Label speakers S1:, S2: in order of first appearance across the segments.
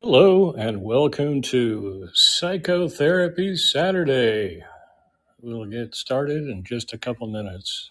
S1: Hello and welcome to Psychotherapy Saturday. We'll get started in just a couple minutes.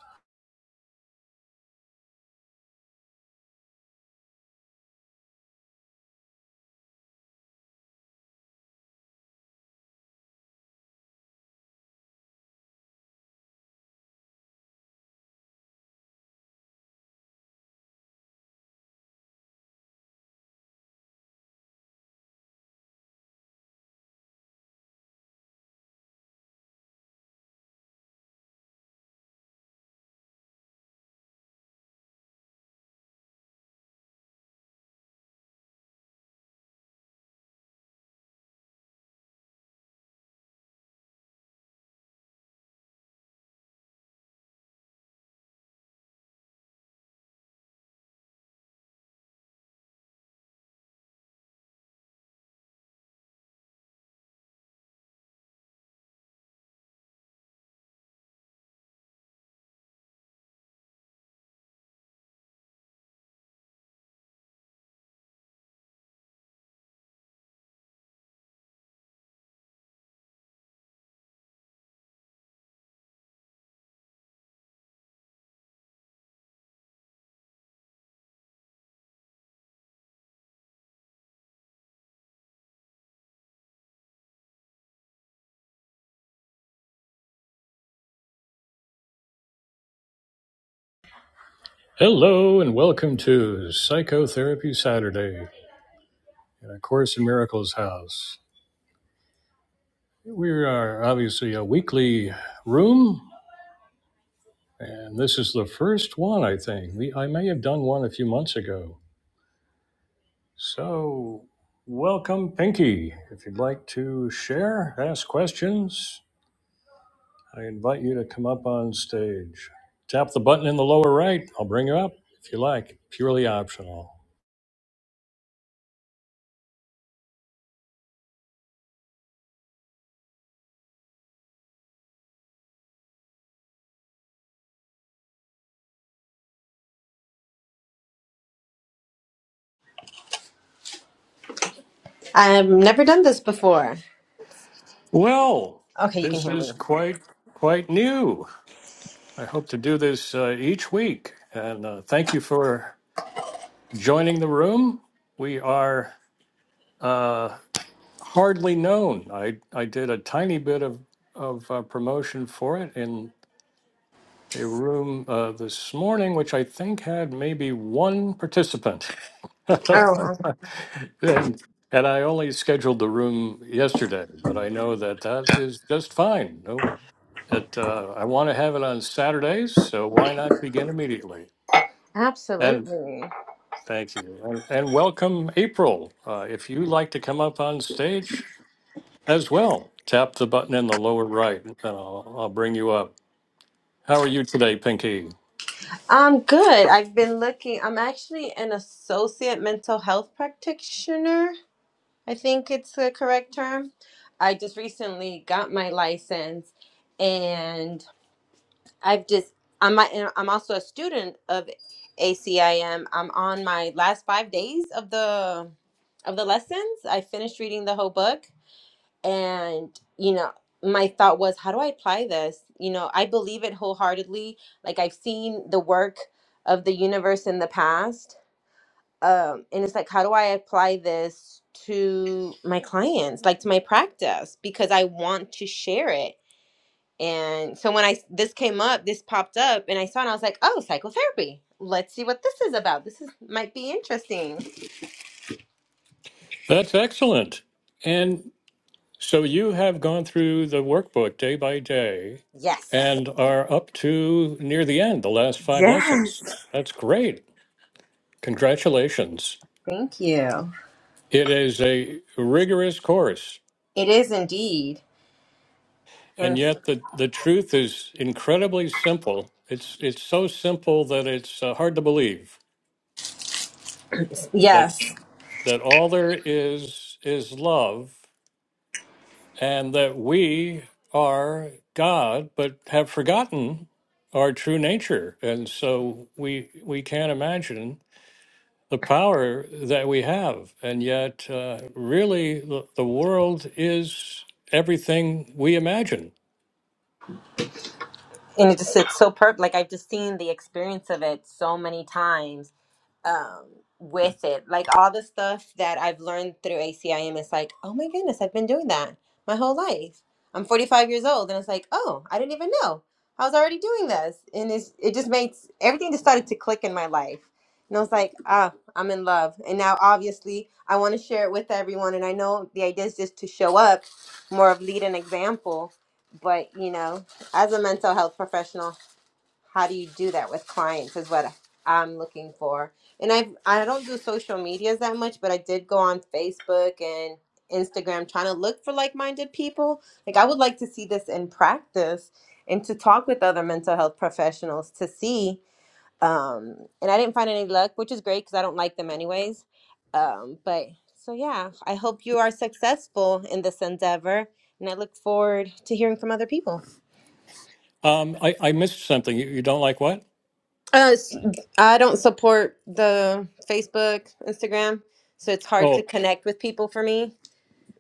S1: Hello and welcome to Psychotherapy Saturday in A Course in Miracles house. We are obviously a weekly room, and this is the first one, I think. We, I may have done one a few months ago. So, welcome, Pinky. If you'd like to share, ask questions, I invite you to come up on stage. Tap the button in the lower right. I'll bring you up if you like. Purely optional.
S2: I've never done this before.
S1: Well,
S2: Okay, you can
S1: this
S2: hear me.
S1: is quite quite new. I hope to do this uh, each week. And uh, thank you for joining the room. We are uh, hardly known. I I did a tiny bit of of uh, promotion for it in. a room uh, this morning, which I think had maybe one participant.
S2: Oh,
S1: And, and I only scheduled the room yesterday, but I know that that is just fine. No, that, uh, I want to have it on Saturdays, so why not begin immediately? And
S2: absolutely.
S1: thank you. And, and welcome, April. Uh, if you like to come up on stage as well, tap the button in the lower right and I'll, I'll bring you up. How are you today, Pinky?
S2: I'm good. I've been looking. I'm actually an associate mental health practitioner. I think it's the correct term. I just recently got my license and I've just I'm a- I'm also a student of ACIM. I'm on my last 5 days of the of the lessons. I finished reading the whole book and you know my thought was how do i apply this you know i believe it wholeheartedly like i've seen the work of the universe in the past um and it's like how do i apply this to my clients like to my practice because i want to share it and so when I this came up this popped up and i saw it and i was like oh psychotherapy let's see what this is about this is might be interesting
S1: That's excellent. And so you have gone through the workbook day by day
S2: yes
S1: and are up to near the end, the last five lessons.
S2: yes
S1: That's great. Congratulations.
S2: thank you
S1: It is a rigorous course,
S2: it is indeed
S1: and
S2: And.
S1: yet the, the truth is incredibly simple. It's, it's so simple that it's uh, hard to believe that,
S2: Yes.
S1: that all there is is love and that we are God, but have forgotten our true nature. And so we we can't imagine the power that we have. And yet, uh, really, the, the world is everything we imagine.
S2: And it just it's so perfect. Like I've just seen the experience of it so many times um with it like all the stuff that i've learned through acim it's like oh my goodness i've been doing that my whole life i'm 45 years old and it's like oh i didn't even know i was already doing this and it's, it just makes everything just started to click in my life and i was like ah i'm in love and now obviously i want to share it with everyone and i know the idea is just to show up more of lead an example but you know as a mental health professional how do you do that with clients is what I'm looking for. And I I don't do social medias that much, but I did go on Facebook and Instagram trying to look for like-minded people. Like I would like to see this in practice and to talk with other mental health professionals to see um and I didn't find any luck, which is great cuz I don't like them anyways. Um but so yeah, I hope you are successful in this endeavor and I look forward to hearing from other people.
S1: Um, I, I missed something. You, you don't like what?
S2: Uh, s- I don't support the Facebook, Instagram, so it's hard to
S1: Oh,
S2: connect with people for me.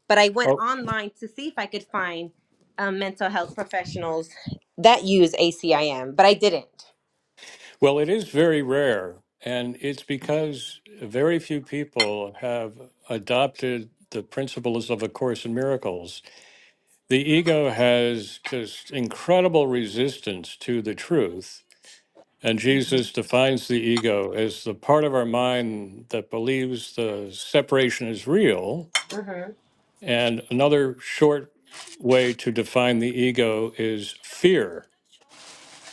S2: But I went
S1: oh,
S2: online to see if I could find um, mental health professionals that use ACIM, but I didn't.
S1: well, it is very rare. And it's because very few people have adopted the principles of A Course in Miracles The ego has just incredible resistance to the truth. And
S2: Mhm,
S1: Jesus defines the ego as the part of our mind that believes the separation is real.
S2: mhm.
S1: And another short way to define the ego is fear.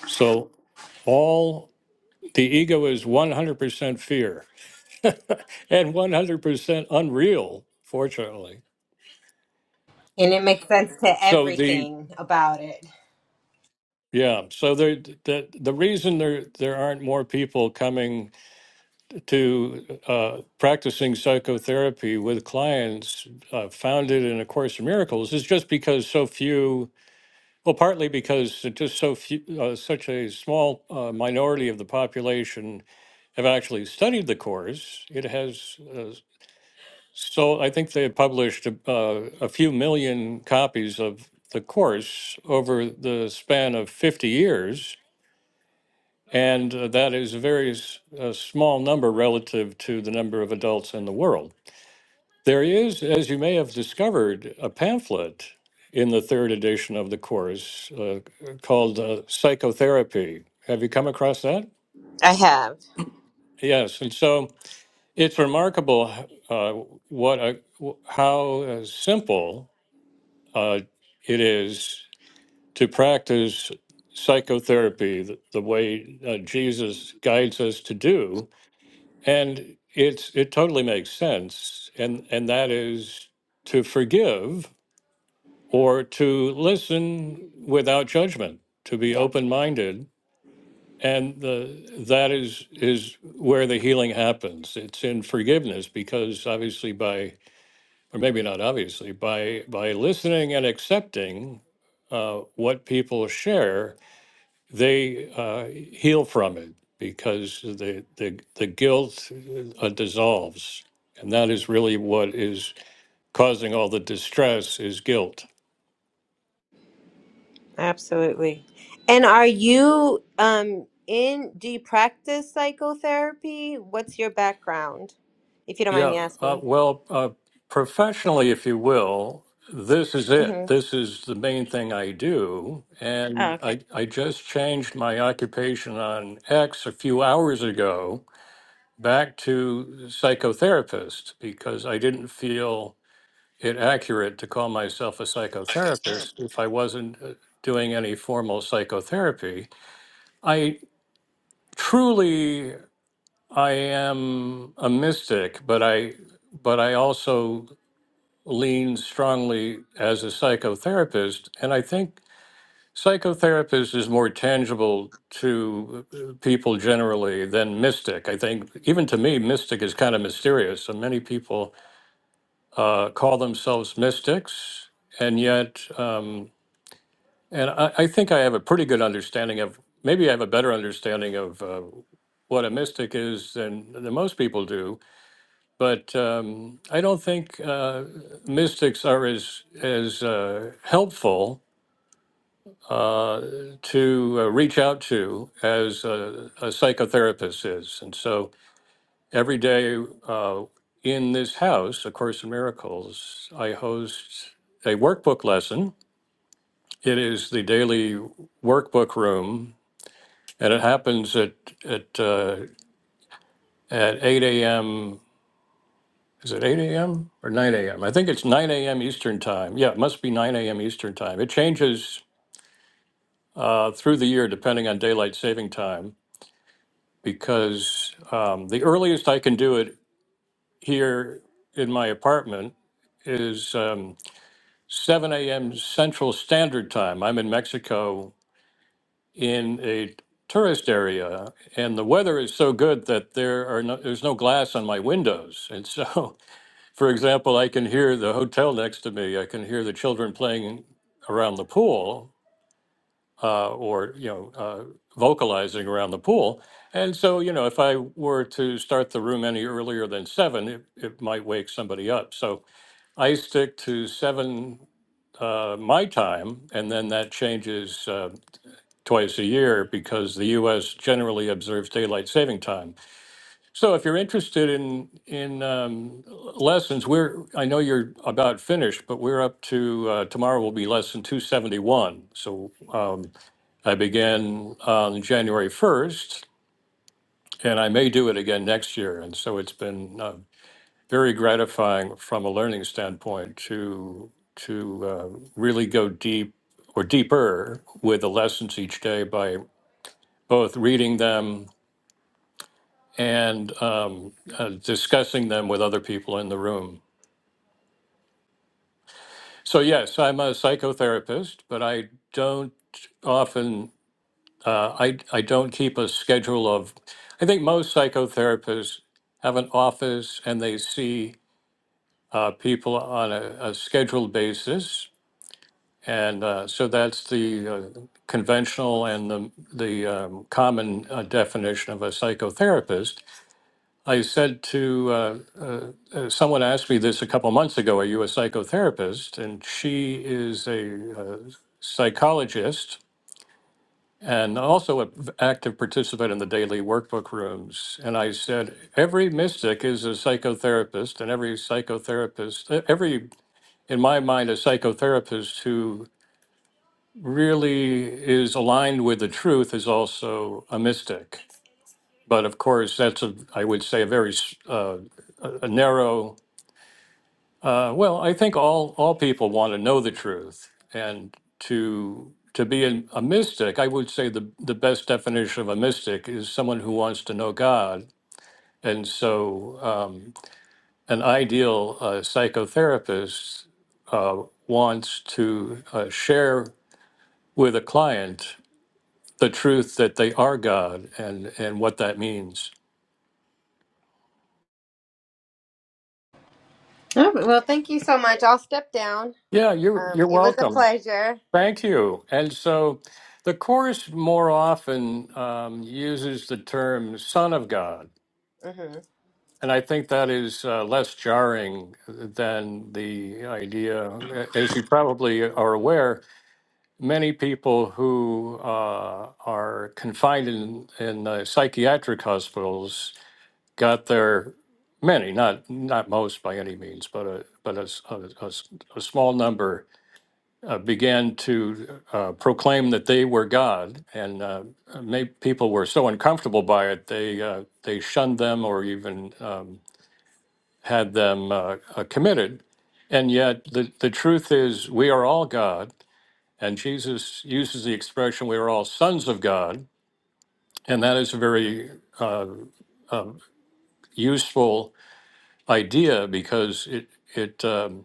S1: So, all the ego is 100% fear and 100% unreal, fortunately.
S2: And it makes sense to
S1: So, the
S2: everything about it.
S1: Yeah, so there, the the reason there there aren't more people coming to uh, practicing psychotherapy with clients uh, founded in A Course in Miracles is just because so few. Well, partly because just so few, uh, such a small uh, minority of the population have actually studied the course. It has uh, so I think they published uh, a few million copies of the course over the span of fifty years And uh, that is a very s- uh, small number relative to the number of adults in the world. There is, as you may have discovered, a pamphlet in the third edition of the course uh, called uh, Psychotherapy. Have you come across that?
S2: I have.
S1: Yes. And so it's remarkable uh, what a, w- how uh, simple uh, it is to practice psychotherapy the, the way uh, Jesus guides us to do And it's it totally makes sense, and and that is to forgive or to listen without judgment, to be
S2: Yeah,
S1: open minded, and the that is is where the healing happens. It's in forgiveness because obviously by or maybe not obviously by by listening and accepting uh, what people share they uh, heal from it because the, the the guilt uh, dissolves, and that is really what is causing all the distress is guilt.
S2: absolutely. And are you um in do you practice psychotherapy? What's your background? If you don't mind me
S1: Yeah. Uh,
S2: asking.
S1: well, uh, professionally, if you will, this is
S2: Mm-hmm.
S1: it. This is the main thing I do,
S2: Oh,
S1: and
S2: okay.
S1: I I just changed my occupation on X a few hours ago back to psychotherapist because I didn't feel it accurate to call myself a psychotherapist if I wasn't uh, doing any formal psychotherapy. I truly I am a mystic, but I but I also lean strongly as a psychotherapist and I think psychotherapist is more tangible to uh, people generally than mystic. I think even to me mystic is kind of mysterious. So many people uh, call themselves mystics and yet um, And I, I think I have a pretty good understanding of, maybe I have a better understanding of uh, what a mystic is than, than most people do. But um, I don't think uh, mystics are as, as uh, helpful uh, to uh, reach out to as a, a psychotherapist is. And so every day uh, in this house, A Course in Miracles, I host a workbook lesson. It is the daily workbook room and it happens at at uh, at 8 a.m. Is it 8 a.m. or 9 a.m.? I think it's 9 a.m. Eastern time. Yeah, it must be 9 a.m. Eastern time. It changes uh, through the year depending on daylight saving time because um, the earliest I can do it here in my apartment is um, 7 a.m. Central Standard Time. I'm in Mexico in a tourist area, and the weather is so good that there are no, there's no glass on my windows, and so, for example, I can hear the hotel next to me. I can hear the children playing around the pool, uh, or you know, uh, vocalizing around the pool. And so, you know, if I were to start the room any earlier than seven, it, it might wake somebody up. So I stick to seven uh, my time, and then that changes. Uh, twice a year because the U.S. generally observes daylight saving time. So if you're interested in in um, lessons, we're I know you're about finished, but we're up to uh, tomorrow will be lesson 271. So um, I began on January 1st, and I may do it again next year. And so it's been uh, very gratifying from a learning standpoint to to uh, really go deep or deeper with the lessons each day by both reading them and um, uh, discussing them with other people in the room. So, yes, I'm a psychotherapist, but I don't often, uh, I, I don't keep a schedule of, I think most psychotherapists have an office and they see uh, people on a, a scheduled basis. And uh, so that's the uh, conventional and the, the um, common uh, definition of a psychotherapist. I said to uh, Someone asked me this a couple months ago. Are you a psychotherapist? And she is a uh, psychologist and also an active participant in the daily workbook rooms. And I said, every mystic is a psychotherapist, and every psychotherapist, e-, every, in my mind, a psychotherapist who really is aligned with the truth is also a mystic. But of course, that's a, I would say, a very s- uh, a a narrow Uh, Well, I think all all people want to know the truth, and to to be an, a mystic, I would say the the best definition of a mystic is someone who wants to know God. And so, um, an ideal uh, psychotherapist uh, wants to uh, share with a client the truth that they are God and and what that means.
S2: Oh, well, thank you so much. I'll step down.
S1: Yeah, you're
S2: Um,
S1: you're
S2: it was a
S1: welcome.
S2: pleasure.
S1: Thank you. And so the Course more often um, uses the term Son of God.
S2: hmm
S1: And I think that is uh, less jarring than the idea, as you probably are aware, many people who uh, are confined in, in uh, psychiatric hospitals got their many, not not most by any means, but a but a, s- a- a s- a small number uh, began to uh, proclaim that they were God, and uh, made, people were so uncomfortable by it they uh, they shunned them or even um, had them uh, uh, committed. And yet, the the truth is, we are all God, and Jesus uses the expression "we are all sons of God," and that is a very uh, useful idea because it it. Um,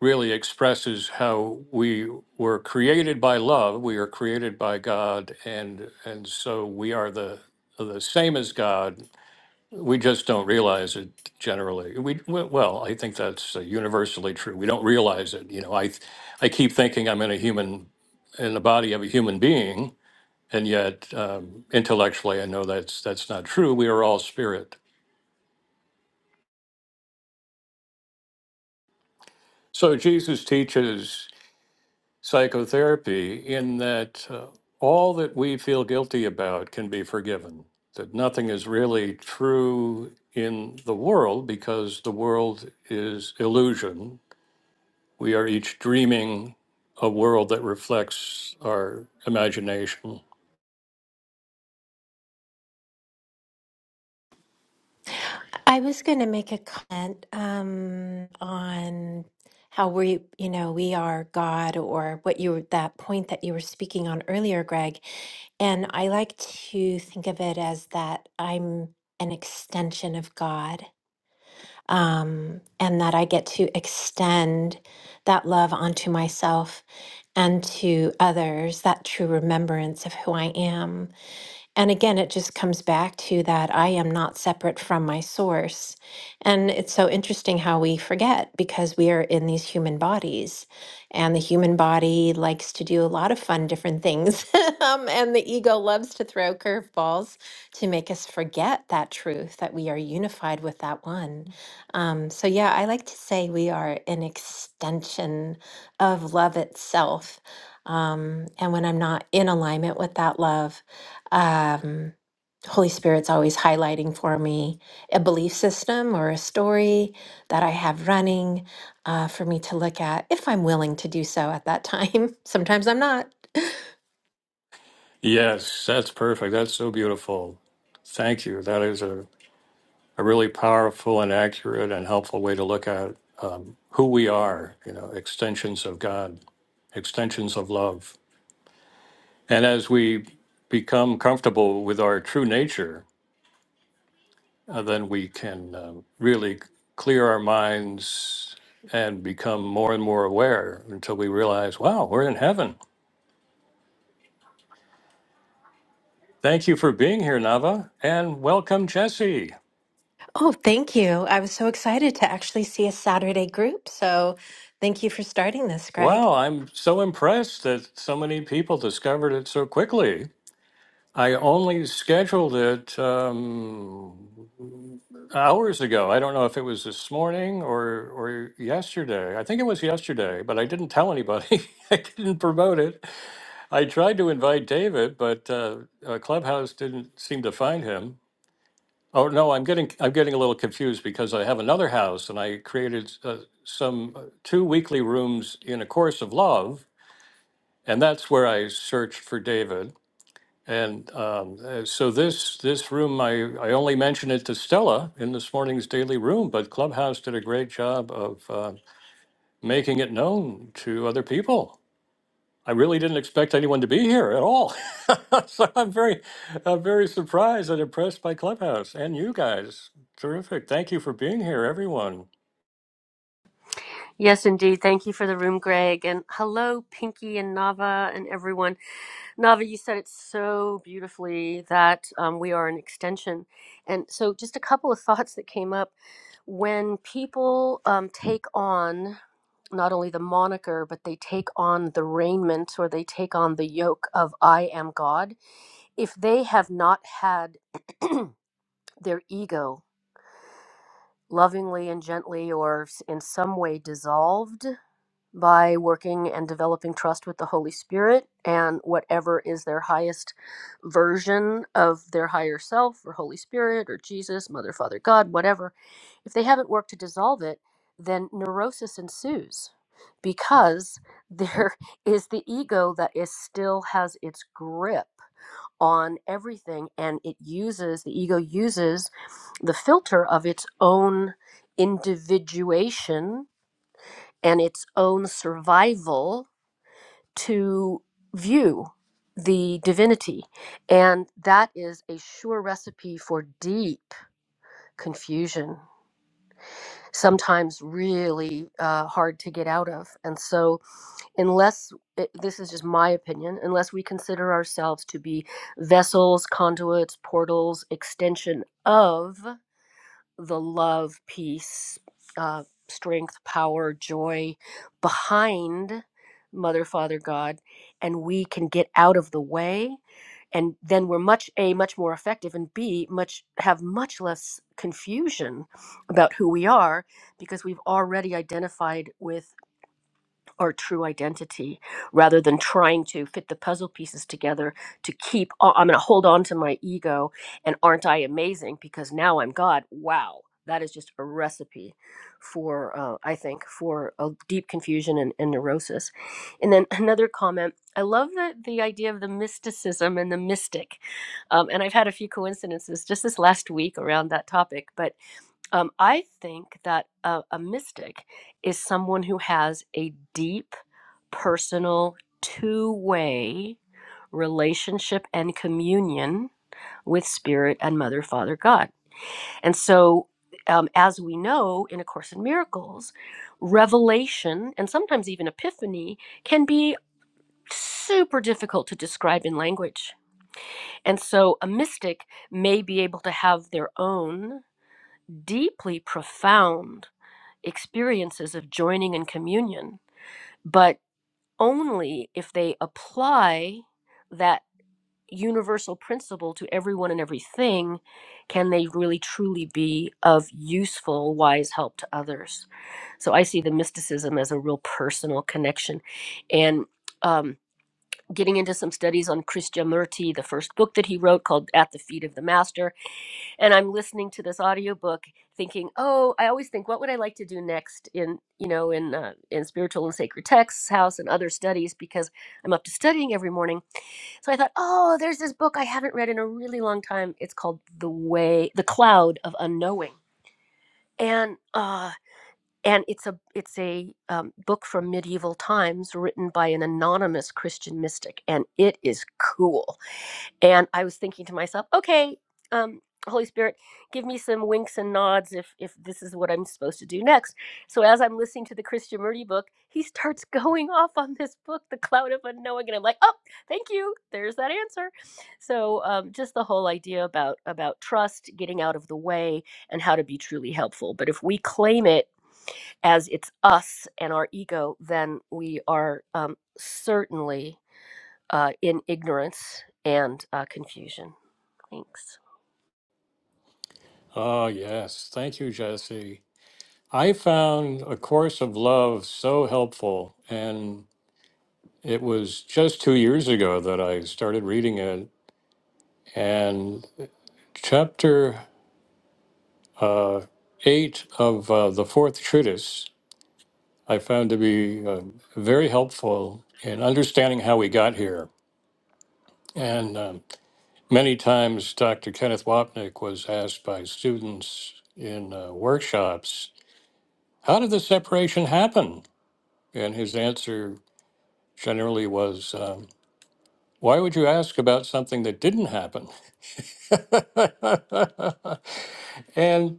S1: really expresses how we were created by love. We are created by God, and and so we are the the same as God. We just don't realize it generally. We well, I think that's uh, universally true. We don't realize it. You know, I I keep thinking I'm in a human in the body of a human being, and yet um, intellectually I know that's that's not true. We are all spirit. So Jesus teaches. psychotherapy in that uh, all that we feel guilty about can be forgiven, that nothing is really true in the world because the world is illusion. We are each dreaming a world that reflects our imagination.
S3: I was going to make a comment um, on how we, you know, we are God, or what you were, that point that you were speaking on earlier, Greg. And I like to think of it as that I'm an extension of God, um, and that I get to extend that love onto myself and to others, that true remembrance of who I am. And again, it just comes back to that I am not separate from my source. And it's so interesting how we forget because we are in these human bodies, and the human body likes to do a lot of fun, different things. um, and the ego loves to throw curveballs to make us forget that truth that we are unified with that one. Um, so, yeah, I like to say we are an extension of love itself. Um, and when I'm not in alignment with that love, um, Holy Spirit's always highlighting for me a belief system or a story that I have running uh, for me to look at if I'm willing to do so at that time. Sometimes I'm not.
S1: Yes, that's perfect. That's so beautiful. Thank you. That is a, a really powerful and accurate and helpful way to look at um, who we are, you know, extensions of God, extensions of love. And as we become comfortable with our true nature, uh, then we can uh, really clear our minds and become more and more aware until we realize, wow, we're in heaven. Thank you for being here, Nava, and welcome, Jesse.
S3: Oh, thank you. I was so excited to actually see a Saturday group. So thank you for starting this, Greg.
S1: Wow, I'm so impressed that so many people discovered it so quickly. I only scheduled it um, hours ago. I don't know if it was this morning or or yesterday. I think it was yesterday, but I didn't tell anybody. I didn't promote it. I tried to invite David, but uh, uh, Clubhouse didn't seem to find him. Oh no, I'm getting I'm getting a little confused because I have another house and I created uh, some uh, two weekly rooms in a course of love, and that's where I searched for David. And um, uh, so this this room, I, I only mentioned it to Stella in this morning's daily room, but Clubhouse did a great job of uh, making it known to other people. I really didn't expect anyone to be here at all, so I'm very I'm very surprised and impressed by Clubhouse and you guys. Terrific! Thank you for being here, everyone.
S4: Yes, indeed. Thank you for the room, Greg. And hello, Pinky and Nava and everyone. Nava, you said it so beautifully that um, we are an extension. And so, just a couple of thoughts that came up. When people um, take on not only the moniker, but they take on the raiment or they take on the yoke of I am God, if they have not had their ego lovingly and gently or s- in some way dissolved, by working and developing trust with the Holy Spirit and whatever is their highest version of their higher self or Holy Spirit or Jesus, Mother, Father, God, whatever, if they haven't worked to dissolve it, then neurosis ensues because there is the ego that is still has its grip on everything and it uses the ego uses the filter of its own individuation and its own survival to view the divinity. And that is a sure recipe for deep confusion, sometimes really uh, hard to get out of. And so, unless it, this is just my opinion, unless we consider ourselves to be vessels, conduits, portals, extension of the love, peace, uh, strength, power, joy behind Mother, Father, God, and we can get out of the way, and then we're much a much more effective, and b much have much less confusion about who we are because we've already identified with our true identity rather than trying to fit the puzzle pieces together to keep oh, i'm going to hold on to my ego and aren't i amazing because now i'm god wow that is just a recipe for uh, i think for a deep confusion and, and neurosis and then another comment i love the, the idea of the mysticism and the mystic um, and i've had a few coincidences just this last week around that topic but um, I think that a, a mystic is someone who has a deep personal two way relationship and communion with Spirit and Mother, Father, God. And so, um, as we know in A Course in Miracles, revelation and sometimes even epiphany can be super difficult to describe in language. And so, a mystic may be able to have their own deeply profound experiences of joining in communion. But only if they apply that universal principle to everyone and everything can they really truly be of useful wise help to others so i see the mysticism as a real personal connection and um, getting into some studies on krishnamurti the first book that he wrote called at the feet of the master and i'm listening to this audiobook thinking oh i always think what would i like to do next in you know in uh, in spiritual and sacred texts house and other studies because i'm up to studying every morning so i thought oh there's this book i haven't read in a really long time it's called the way the cloud of unknowing and uh and it's a it's a um, book from medieval times written by an anonymous christian mystic and it is cool and i was thinking to myself okay um holy spirit give me some winks and nods if if this is what i'm supposed to do next so as i'm listening to the christian murdy book he starts going off on this book the cloud of unknowing and i'm like oh thank you there's that answer so um, just the whole idea about about trust getting out of the way and how to be truly helpful but if we claim it as it's us and our ego then we are um, certainly uh, in ignorance and uh, confusion Thanks.
S1: Oh yes, thank you, Jesse. I found A Course of Love so helpful and It was just two years ago that I started reading it, and chapter uh, eight of uh, the fourth treatise I found to be uh, very helpful in understanding how we got here. And um, many times, Dr. Kenneth Wapnick was asked by students in uh, workshops, How did the separation happen? And his answer generally was, um, Why would you ask about something that didn't happen? and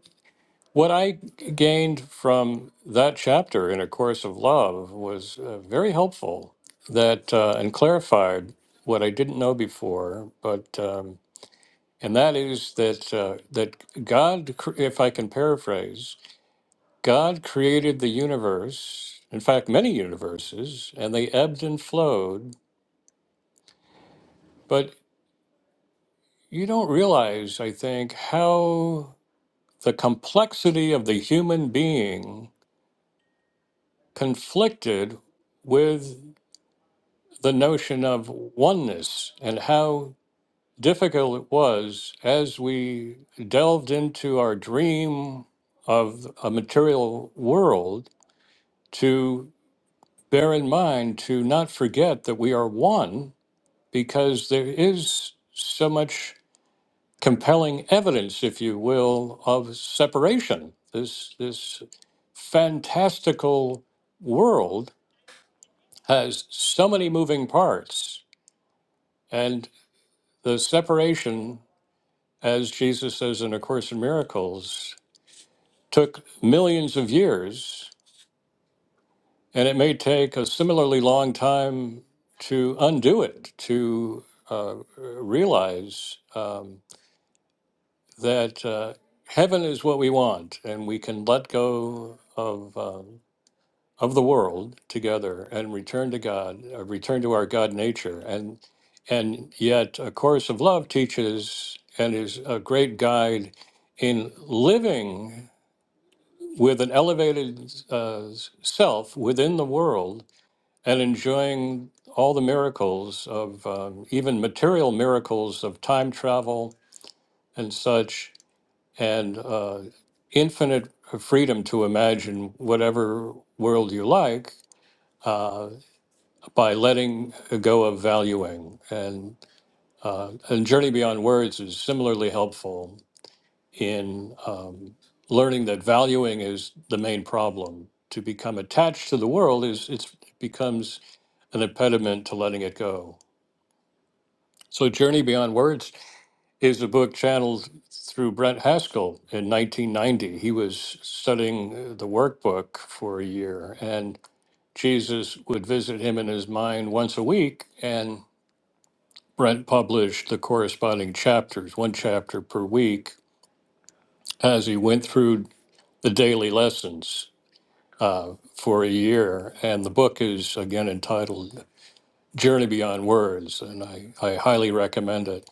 S1: What I gained from that chapter in A Course of Love was uh, very helpful that uh, and clarified what I didn't know before. But um, and that is that uh, that God, cr- if I can paraphrase, God created the universe. In fact, many universes, and they ebbed and flowed. But you don't realize, I think, how the complexity of the human being conflicted with the notion of oneness and how difficult it was as we delved into our dream of a material world to bear in mind to not forget that we are one because there is so much compelling evidence if you will of separation this this fantastical world has so many moving parts and the separation as Jesus says in A Course in Miracles, took millions of years, and it may take a similarly long time to undo it, to uh, realize um, that uh, heaven is what we want, and we can let go of. Um, of the world together and return to God, uh, return to our God nature, and and yet a course of love teaches and is a great guide in living with an elevated uh, self within the world and enjoying all the miracles of um, even material miracles of time travel and such, and uh, infinite freedom to imagine whatever world you like uh, by letting go of valuing. And, uh, and Journey Beyond Words is similarly helpful in um, learning that valuing is the main problem. To become attached to the world is it's, it becomes an impediment to letting it go. So, Journey Beyond Words is a book channeled through Brent Haskell in 1990. He was studying uh, the workbook for a year, and Jesus would visit him in his mind once a week. And Brent published the corresponding chapters, one chapter per week, as he went through the daily lessons. uh, for a year. And the book is again entitled Journey Beyond Words, and I, I highly recommend it.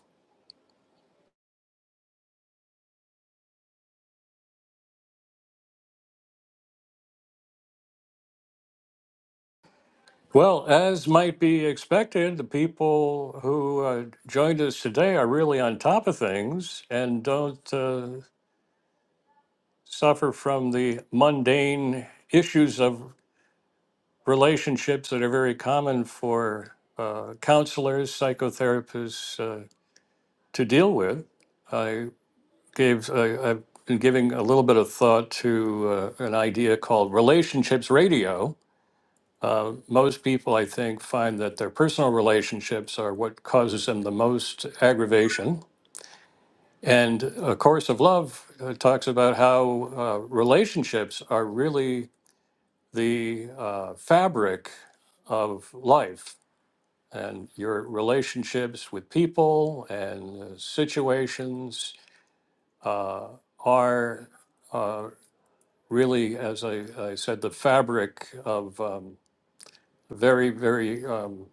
S1: Well, as might be expected, the people who uh, joined us today are really on top of things and don't uh, suffer from the mundane issues of relationships that are very common for uh, counselors, psychotherapists uh, to deal with. I. gave uh, I've been giving a little bit of thought to uh, an idea called relationships radio. Uh, most people, I think, find that their personal relationships are what causes them the most aggravation. And A Course of Love uh, talks about how uh, relationships are really the uh, fabric of life and your relationships with people and uh, situations uh, are uh, really, as I, I said, the fabric of um, very, very, um,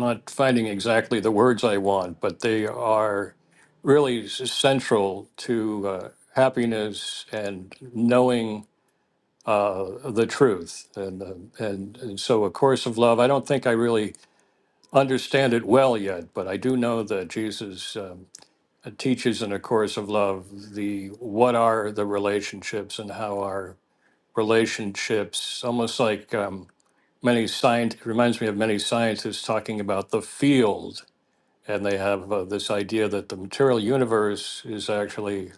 S1: not finding exactly the words I want, but they are really s- central to uh, happiness and knowing uh, the truth. And, uh, and, and so, A Course of Love, I don't think I really understand it well yet, but I do know that Jesus um, teaches in A Course of Love the what are the relationships and how are relationships, almost like um, many science It reminds me of many scientists talking about the field, and they have uh, this idea that the material universe is actually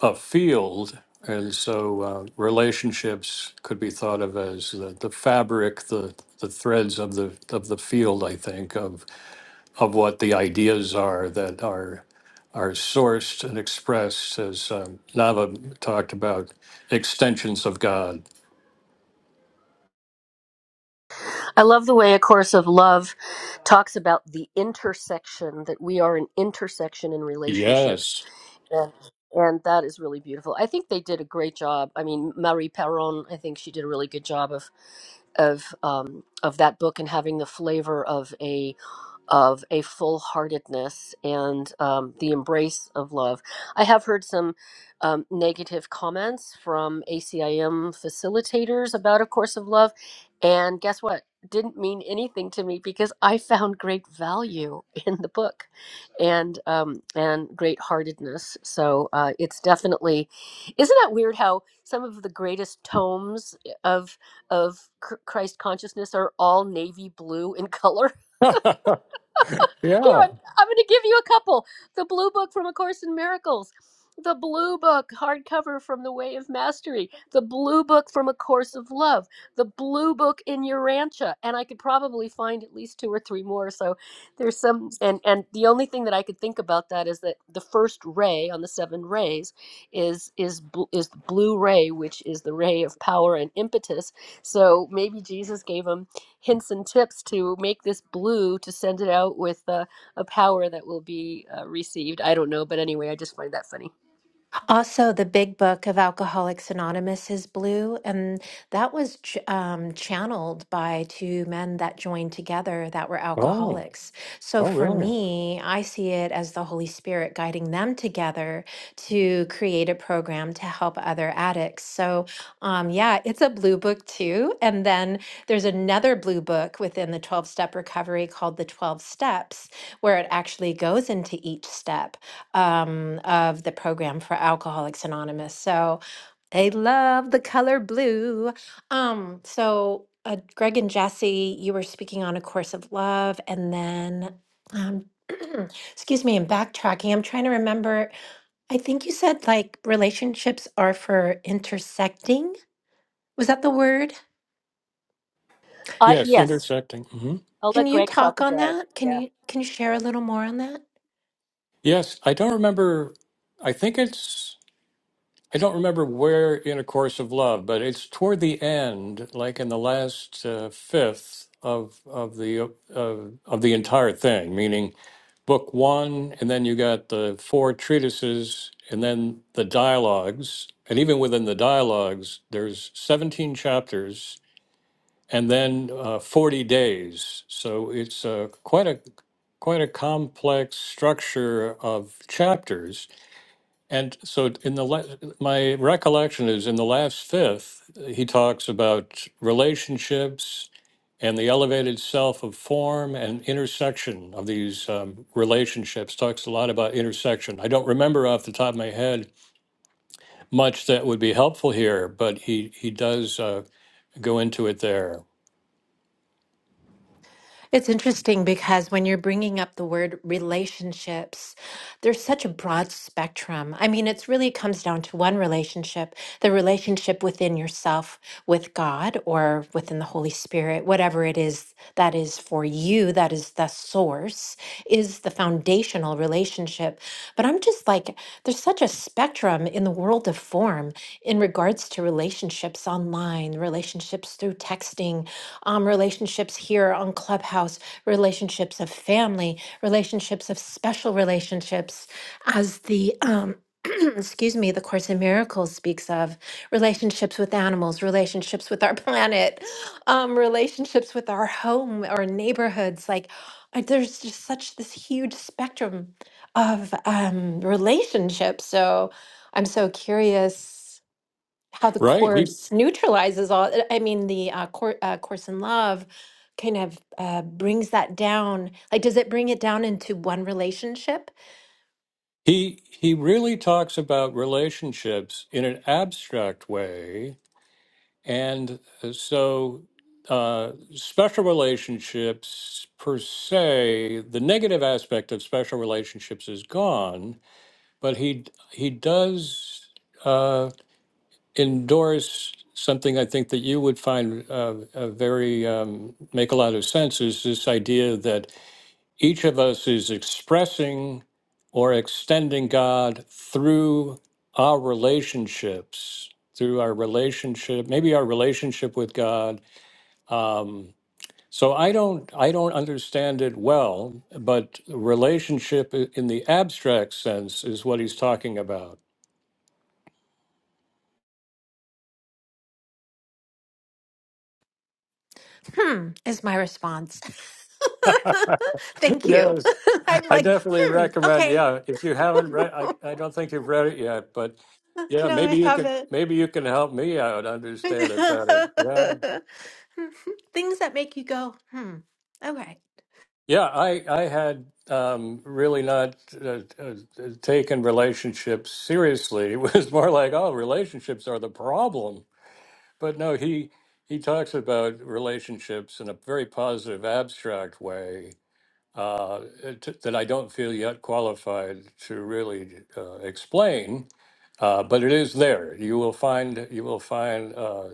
S1: a field, and so uh, relationships could be thought of as the, the fabric, the the threads of the of the field. I think of of what the ideas are that are are sourced and expressed as um, Nava talked about extensions of God.
S4: I love the way A Course of Love talks about the intersection, that we are an intersection in relationships.
S1: Yes.
S4: And, and that is really beautiful. I think they did a great job. I mean, Marie Perron, I think she did a really good job of of um, of that book and having the flavor of a of a full heartedness and um, the embrace of love. I have heard some um, negative comments from ACIM facilitators about A Course of Love. And guess what? Didn't mean anything to me because I found great value in the book, and um, and great heartedness. So uh, it's definitely, isn't that weird how some of the greatest tomes of of Chr- Christ consciousness are all navy blue in color? Here,
S1: yeah.
S4: I'm, I'm going to give you a couple. The Blue Book from A Course in Miracles. The Blue Book hardcover from The Way of Mastery. The Blue Book from A Course of Love. The Blue Book in Your Rancha. And I could probably find at least two or three more. So there's some. And, and the only thing that I could think about that is that the first ray on the seven rays is, is, bl- is the blue ray, which is the ray of power and impetus. So maybe Jesus gave him hints and tips to make this blue to send it out with. uh, a power that will be uh, received. I don't know, but anyway, I just find that funny.
S3: Also, the big book of Alcoholics Anonymous is blue, and that was ch- um, channeled by two men that joined together that were
S1: Oh.
S3: alcoholics. So
S1: Oh,
S3: for
S1: really?
S3: me, I see it as the Holy Spirit guiding them together to create a program to help other addicts. So, um, yeah, it's a blue book too. And then there's another blue book within the 12 step recovery called the 12 steps, where it actually goes into each step um, of the program for Alcoholics Anonymous. So they love the color blue. Um, so uh, Greg and Jesse, you were speaking on A Course of Love, and then, um, excuse me, I'm backtracking. I'm trying to remember. I think you said like relationships are for intersecting. Was that the word?
S4: I
S1: Yes,
S4: yes,
S1: intersecting. hmm
S4: I'll
S3: Can
S4: let
S3: you
S4: Greg talk
S3: talk on
S4: about it.
S3: that? Can
S4: Yeah.
S3: you can you share a little more on that?
S1: Yes, I don't remember. I think it's. I don't remember where in A Course of Love, but it's toward the end, like in the last uh, fifth of of the uh, of of the entire thing, meaning book one, and then you got the four treatises, and then the dialogues, and even within the dialogues, there's seventeen chapters, and then uh, 40 days. So it's uh, quite a quite a complex structure of chapters. And so in the la- my recollection is in the last fifth he talks about relationships and the elevated self of form and intersection of these um, relationships talks a lot about intersection i don't remember off the top of my head much that would be helpful here but he he does uh, go into it there
S3: It's interesting because when you're bringing up the word relationships, there's such a broad spectrum. I mean, it's really comes down to one relationship, the relationship within yourself with God or within the Holy Spirit, whatever it is that is for you, that is the source, is the foundational relationship. But I'm just like, there's such a spectrum in the world of form in regards to relationships online, relationships through texting, um, relationships here on Clubhouse, relationships of family, relationships of special relationships, as the um, excuse me, the Course in Miracles speaks of relationships with animals, relationships with our planet, um, relationships with our home, our neighborhoods. Like, uh, there's just such this huge spectrum of um, relationships. So, I'm so curious how the
S1: right
S3: course neutralizes all i mean the uh, course, uh, course in love kind of uh, brings that down like does it bring it down into one relationship
S1: He he really talks about relationships in an abstract way, and uh, so uh, special relationships per se, the negative aspect of special relationships is gone, but he he does uh, endorse something I think that you would find uh, uh, very um, make a lot of sense is this idea that each of us is expressing or extending God through our relationships, through our relationship, maybe our relationship with God. Um, so I don't, I don't understand it well, but relationship i- in the abstract sense is what he's talking about.
S3: hmm is my response thank you
S1: Yes,
S3: i'm
S1: I
S3: like
S1: definitely
S3: hmm
S1: recommend.
S3: okay
S1: Yeah, if you haven't read, I, I don't think you've read it yet, but yeah,
S3: no i
S1: maybe you can,
S3: haven't
S1: maybe you can help me out understand it better. Yeah.
S3: things that make you go hmm okay
S1: Yeah, I I had um, really not uh, uh, taken relationships seriously. It was more like, oh, relationships are the problem. But no, he he talks about relationships in a very positive, abstract way uh, it- that I don't feel yet qualified to really uh, explain. Uh, but it is there. You will find you will find uh,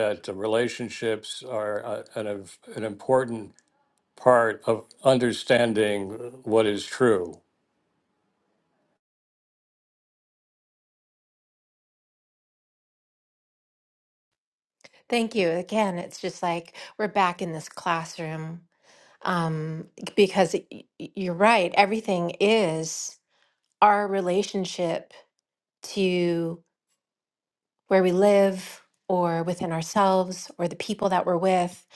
S1: that relationships are uh, an, an important part of understanding what is true.
S3: thank you again it's just like we're back in this classroom um, because y- y- you're right, everything is our relationship to where we live or within ourselves or the people that we're with.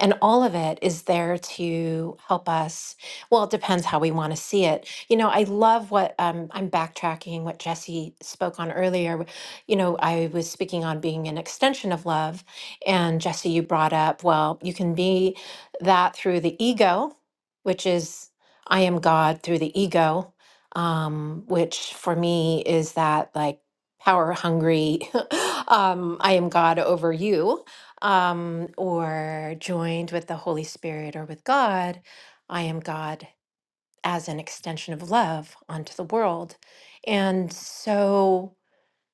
S3: And all of it is there to help us. Well, it depends how we want to see it. You know, I love what um, I'm backtracking what Jesse spoke on earlier. You know, I was speaking on being an extension of love. And Jesse, you brought up, well, you can be that through the ego, which is I am God through the ego. Um, which for me is that like power hungry um, i am god over you um, or joined with the holy spirit or with god i am god as an extension of love onto the world and so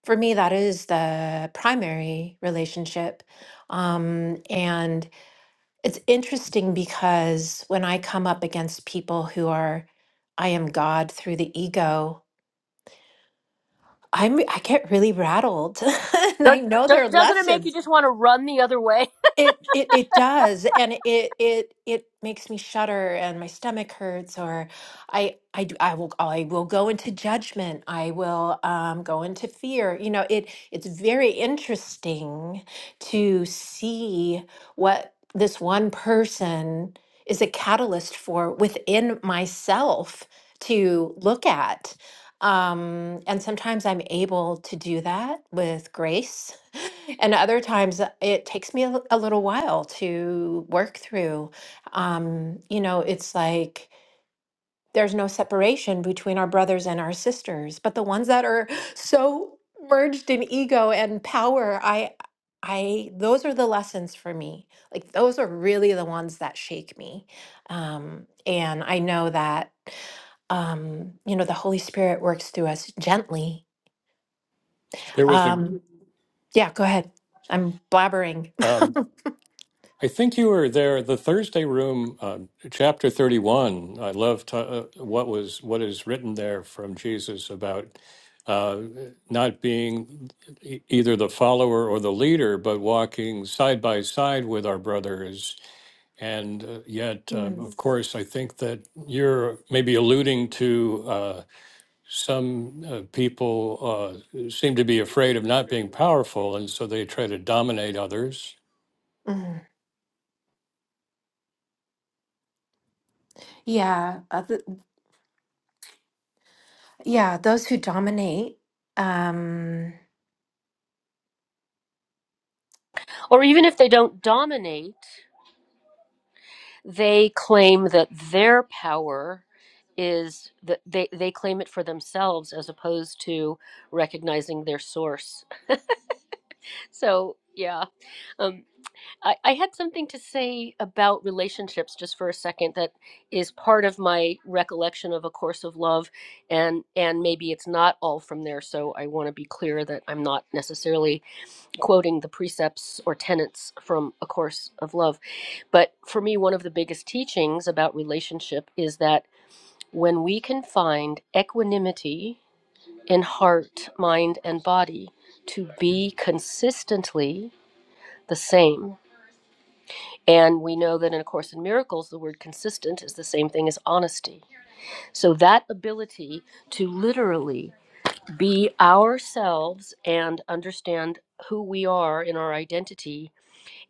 S3: for me that is the primary relationship um, and it's interesting because when i come up against people who are i am god through the ego I'm I get really rattled and I
S4: Don't-
S3: know there
S4: don't-
S3: are
S4: Doesn't it make
S3: lessons.
S4: you just want to run the other way?
S3: It it it does, and it it it makes me shudder, and my stomach hurts, or I I do I will I will go into judgment. I will um, go into fear. You know, it it's very interesting to see what this one person is a catalyst for within myself to look at. Um, and sometimes I'm able to do that with grace and other times uh, it takes me a, l- a little while to work through. Um, you know, it's like there's no separation between our brothers and our sisters, but the ones that are so merged in ego and power, I I those are the lessons for me. Like those are really the ones that shake me. Um, and I know that um, you know, the Holy Spirit works through us gently.
S1: There was a,
S3: Um, yeah, go ahead. I'm blabbering.
S1: um, I think you were there, the Thursday room, uh, chapter 31. I love to, uh, what was what is written there from Jesus about uh, not being e- either the follower or the leader, but walking side by side with our brothers. And uh, yet, um,
S3: Mm,
S1: of course, I think that you're maybe alluding to. uh, some uh, people uh, seem to be afraid of not being powerful, and so they try to dominate others.
S3: mm. Yeah, other, yeah, those who dominate. Um,
S4: Or even if they don't dominate. they claim that their power is that they, they claim it for themselves as opposed to recognizing their source. So, yeah. Um, I, I had something to say about relationships just for a second that is part of my recollection of A Course of Love, and, and maybe it's not all from there. So, I want to be clear that I'm not necessarily quoting the precepts or tenets from A Course of Love. But for me, one of the biggest teachings about relationship is that when we can find equanimity in heart, mind, and body to be consistently the same, and we know that in A Course in Miracles, the word consistent is the same thing as honesty. So that ability to literally be ourselves and understand who we are in our identity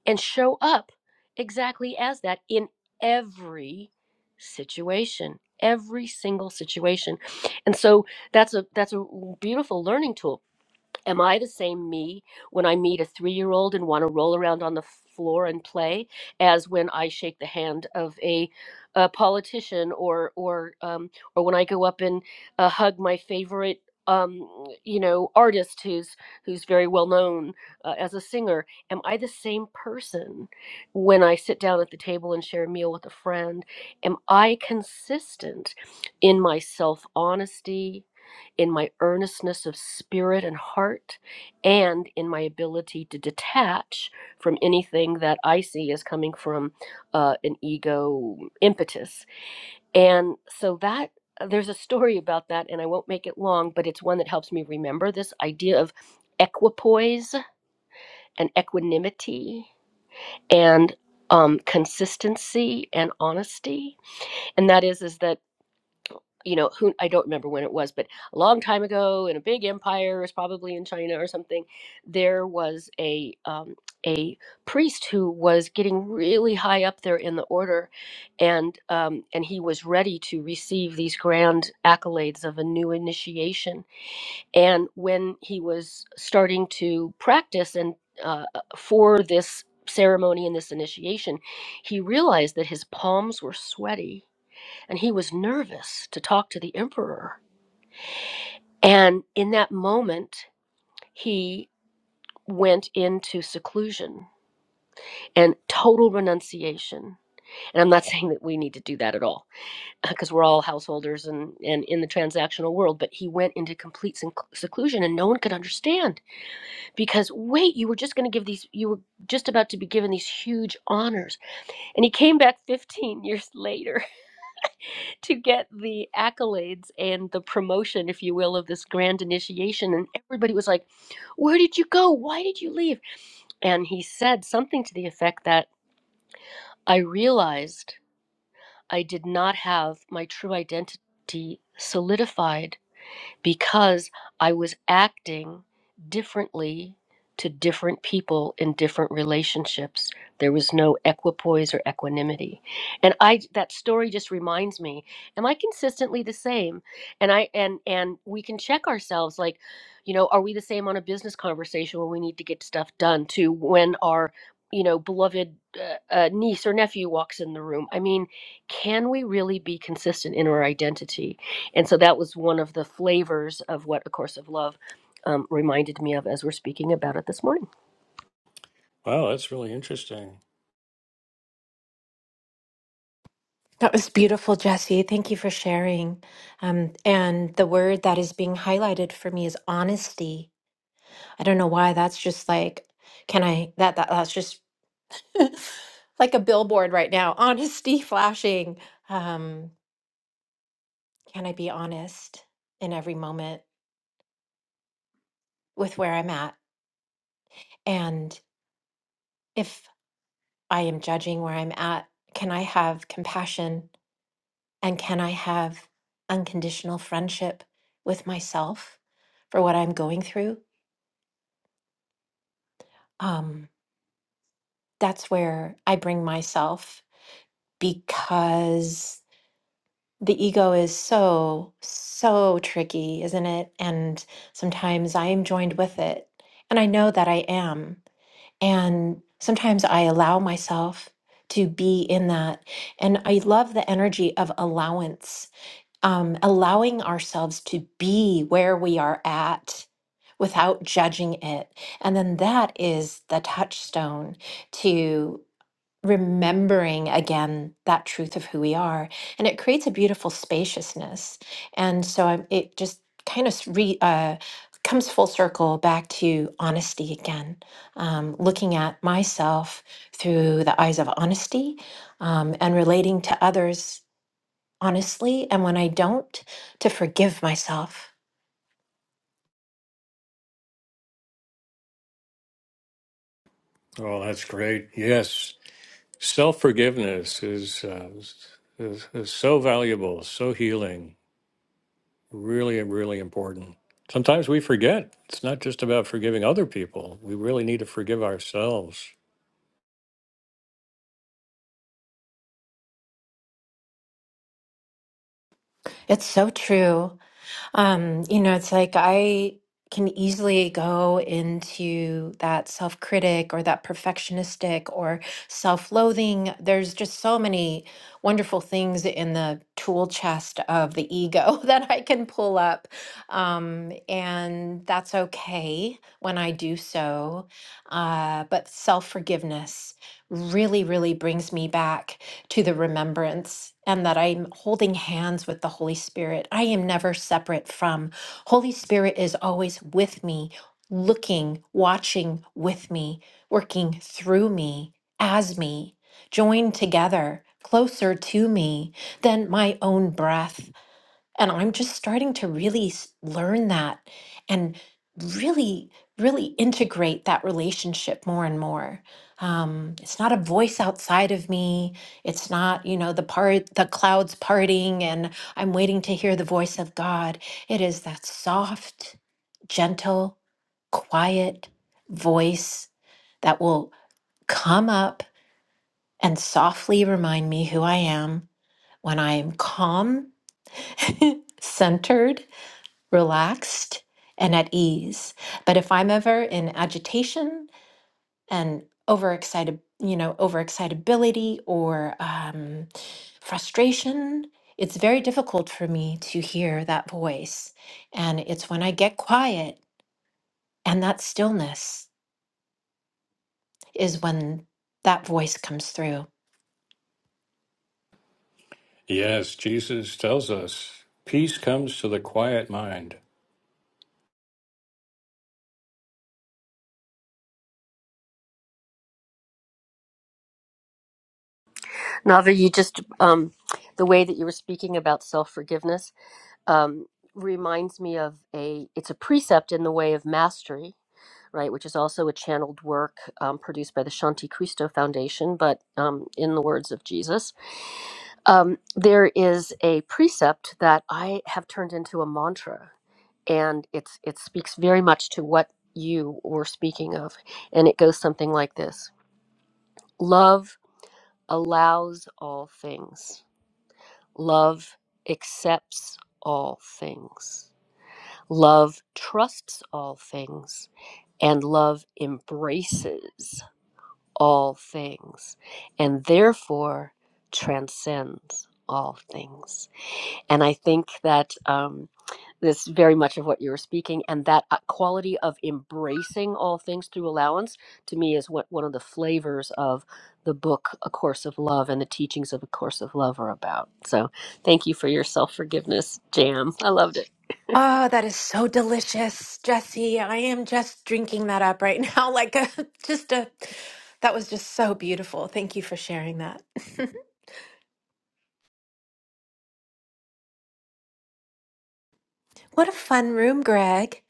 S4: and show up exactly as that in every situation every single situation and so that's a that's a beautiful learning tool Am I the same me when I meet a three year old and want to roll around on the floor and play as when I shake the hand of a, a politician or or um, or when I go up and uh, hug my favorite um, you know artist who's who's very well known uh, as a singer? Am I the same person when I sit down at the table and share a meal with a friend? Am I consistent in my self honesty? in my earnestness of spirit and heart, and in my ability to detach from anything that I see as coming from uh, an ego impetus. And so that there's a story about that, and I won't make it long, but it's one that helps me remember this idea of equipoise and equanimity and um, consistency and honesty and that is is that you know who i don't remember when it was but a long time ago in a big empire it was probably in china or something there was a um, a priest who was getting really high up there in the order and um, and he was ready to receive these grand accolades of a new initiation and when he was starting to practice and uh, for this ceremony and this initiation he realized that his palms were sweaty and he was nervous to talk to the emperor. And in that moment, he went into seclusion and total renunciation. And I'm not saying that we need to do that at all, because we're all householders and, and in the transactional world, but he went into complete sec- seclusion and no one could understand because, wait, you were just going to give these, you were just about to be given these huge honors. And he came back 15 years later to get the accolades and the promotion, if you will, of this grand initiation. And everybody was like, Where did you go? Why did you leave? And he said something to the effect that I realized I did not have my true identity solidified because I was acting differently to different people in different relationships. There was no equipoise or equanimity. And I that story just reminds me, am I consistently the same? And I and and we can check ourselves like, you know, are we the same on a business conversation when we need to get stuff done to when our you know, beloved uh, uh, niece or nephew walks in the room. I mean, can we really be consistent in our identity? And so that was one of the flavors of what A Course of Love um, reminded me of as we're speaking about it this morning.
S1: Wow, that's really interesting.
S3: that was beautiful, Jesse. Thank you for sharing. Um, and the word that is being highlighted for me is honesty. I don't know why. That's just like, can I? That that that's just like a billboard right now. Honesty flashing. Um, can I be honest in every moment with where I'm at? And if I am judging where I'm at, can I have compassion and can I have unconditional friendship with myself for what I'm going through? Um, that's where I bring myself because the ego is so, so tricky, isn't it? And sometimes I am joined with it. And I know that I am. And sometimes I allow myself to be in that. And I love the energy of allowance, um, allowing ourselves to be where we are at without judging it. And then that is the touchstone remembering again that truth of who we are and it creates a beautiful spaciousness and so I, it just kind of re, uh, comes full circle back to honesty again um, looking at myself through the eyes of honesty um, and relating to others honestly and when i don't to forgive myself
S1: Oh, that's great. Yes, self forgiveness is, uh, is is so valuable, so healing, really, really important. Sometimes we forget. It's not just about forgiving other people. We really need to forgive ourselves.
S3: it's so true Um, you know, it's like I can easily go into that self critic or that perfectionistic or self loathing. There's just so many wonderful things in the tool chest of the ego that I can pull up. Um, and that's okay when I do so. Uh, but self forgiveness really, really brings me back to the remembrance and that I'm holding hands with the Holy Spirit. I am never separate from. Holy Spirit is always with me, looking, watching with me, working through me, as me, joined together, closer to me than my own breath. And I'm just starting to really s- learn that and really, really integrate that relationship more and more. Um, it's not a voice outside of me. It's not, you know, the part, the clouds parting and I'm waiting to hear the voice of God. It is that soft, gentle, quiet voice that will come up and softly remind me who I am when I am calm, centered, relaxed and at ease. But if I'm ever in agitation and overexcited, you know, overexcitability or um, frustration, it's very difficult for me to hear that voice. And it's when I get quiet and that stillness is when that voice comes through.
S1: Yes, Jesus tells us peace comes to the quiet mind.
S4: Nava, you just, um, the way that you were speaking about self forgiveness um, reminds me of a, it's a precept in the way of mastery. right, which is also a channeled work um, produced by the Shanti Cristo Foundation, but um, in the words of Jesus. Um, there is a precept that I have turned into a mantra, and it's it speaks very much to what you were speaking of, and it goes something like this: Love allows all things. Love accepts all things. Love trusts all things, and love embraces all things, and therefore transcends all things. And I think that um, this is very much of what you were speaking, and that uh, quality of embracing all things through allowance, to me, is what one of the flavors of the book A Course of Love and the teachings of A Course of Love are about. So, thank you for your self forgiveness jam. I loved it.
S3: Oh, that is so delicious, Jesse. I am just drinking that up right now. Like a just a that was just so beautiful. Thank you for sharing that. what a fun room, Greg.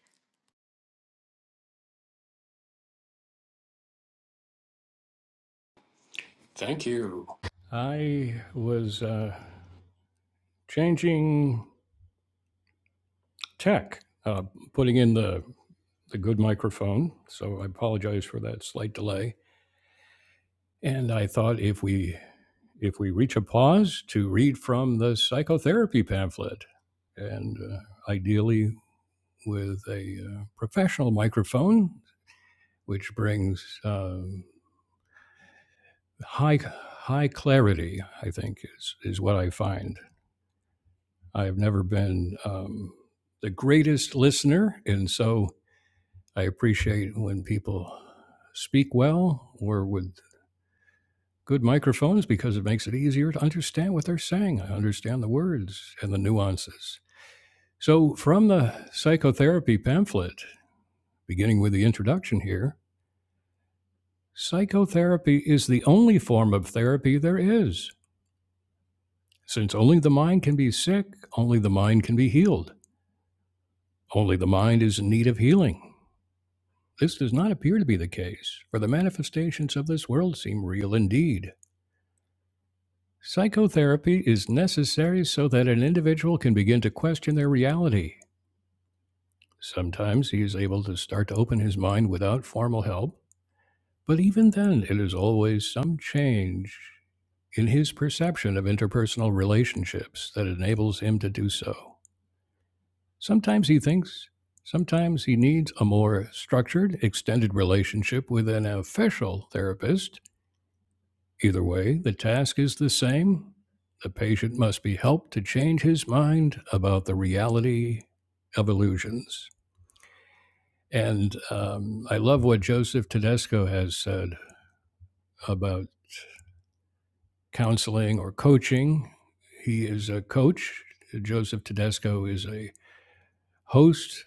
S1: Thank you. I was. Uh, changing tech, uh, putting in the, the good microphone. So I apologize for that slight delay. And I thought if we if we reach a pause to read from the psychotherapy pamphlet, and uh, ideally with a uh, professional microphone, which brings um high high clarity. I think is is what I find. I have never been um, the greatest listener, and so I appreciate when people speak well or with good microphones because it makes it easier to understand what they're saying. I understand the words and the nuances. So, from the psychotherapy pamphlet, beginning with the introduction here, psychotherapy is the only form of therapy there is. Since only the mind can be sick, only the mind can be healed. Only the mind is in need of healing. This does not appear to be the case, for the manifestations of this world seem real indeed Psychotherapy is necessary so that an individual can begin to question their reality. Sometimes he is able to start to open his mind without formal help, but even then, it is always some change in his perception of interpersonal relationships that enables him to do so. Sometimes he thinks, sometimes he needs a more structured, extended relationship with an official therapist, Either way, the task is the same. The patient must be helped to change his mind about the reality of illusions. And um, I love what Joseph Tedesco has said about counseling or coaching. He is a coach. Joseph Tedesco is a host,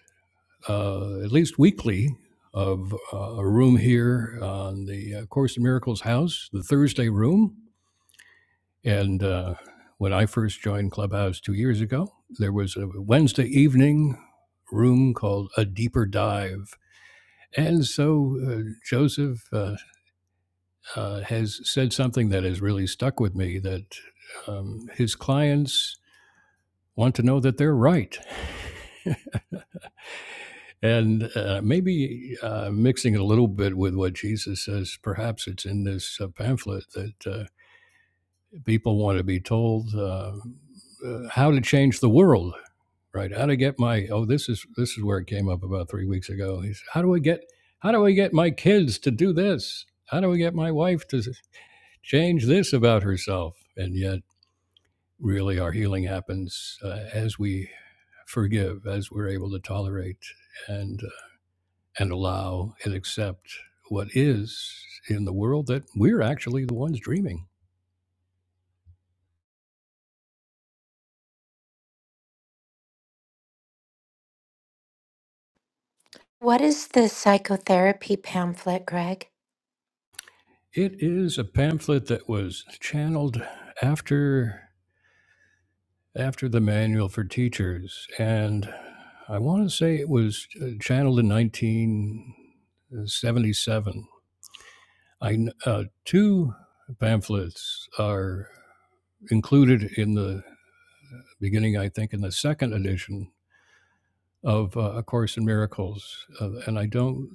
S1: uh, at least weekly, of uh, a room here on the uh, Course in Miracles house, the Thursday room And uh, when I first joined Clubhouse two years ago, there was a Wednesday evening room called A Deeper Dive. And so uh, Joseph uh, uh, has said something that has really stuck with me that um, his clients want to know that they're right. And uh, maybe uh, mixing it a little bit with what Jesus says, perhaps it's in this uh, pamphlet that uh, people want to be told uh, uh, how to change the world Right. How to get my oh this is this is where it came up about three weeks ago. He said, how do I get how do I get my kids to do this? How do I get my wife to change this about herself? And yet, really, our healing happens uh, as we forgive, as we're able to tolerate and uh, and allow and accept what is in the world that we're actually the ones dreaming.
S3: What is the psychotherapy pamphlet, Greg?
S1: It is a pamphlet that was channeled after. after the manual for teachers, and I want to say it was uh, channeled in 1977. I uh, two pamphlets are included in the beginning, I think, in the second edition of uh, A Course in Miracles, uh, and I don't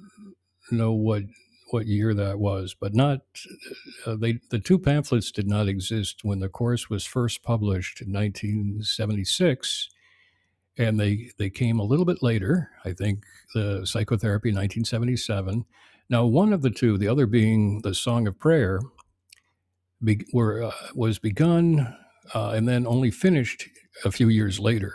S1: know what what year that was, but not uh, they the two pamphlets did not exist when the course was first published in 1976 and they they came a little bit later i think the psychotherapy 1977 now one of the two the other being the song of prayer be, were, uh, was begun uh, and then only finished a few years later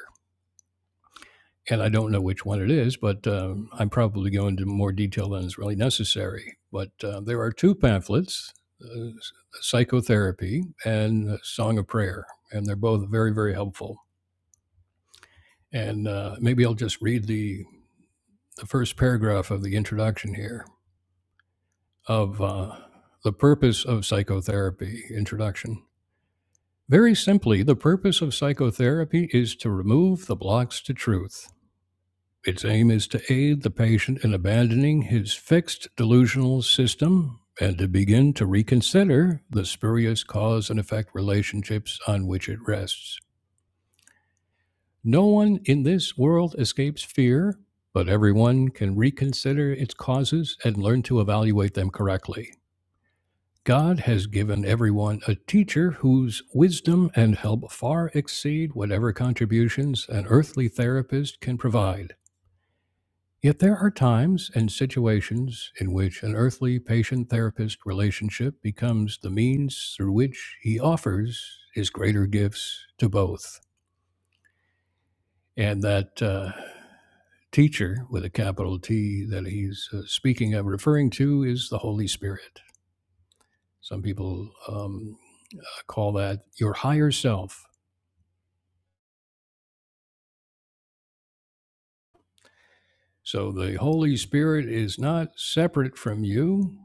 S1: and i don't know which one it is but um, i'm probably going into more detail than is really necessary but uh, there are two pamphlets uh, psychotherapy and song of prayer and they're both very very helpful and uh, maybe i'll just read the the first paragraph of the introduction here of uh, the purpose of psychotherapy introduction. Very simply, the purpose of psychotherapy is to remove the blocks to truth. Its aim is to aid the patient in abandoning his fixed delusional system and to begin to reconsider the spurious cause and effect relationships on which it rests. No one in this world escapes fear, but everyone can reconsider its causes and learn to evaluate them correctly. God has given everyone a teacher whose wisdom and help far exceed whatever contributions an earthly therapist can provide. Yet there are times and situations in which an earthly patient therapist relationship becomes the means through which he offers his greater gifts to both. And that uh, teacher with a capital T that he's uh, speaking of, referring to, is the Holy Spirit. Some people um, call that your higher self So the Holy Spirit is not separate from you,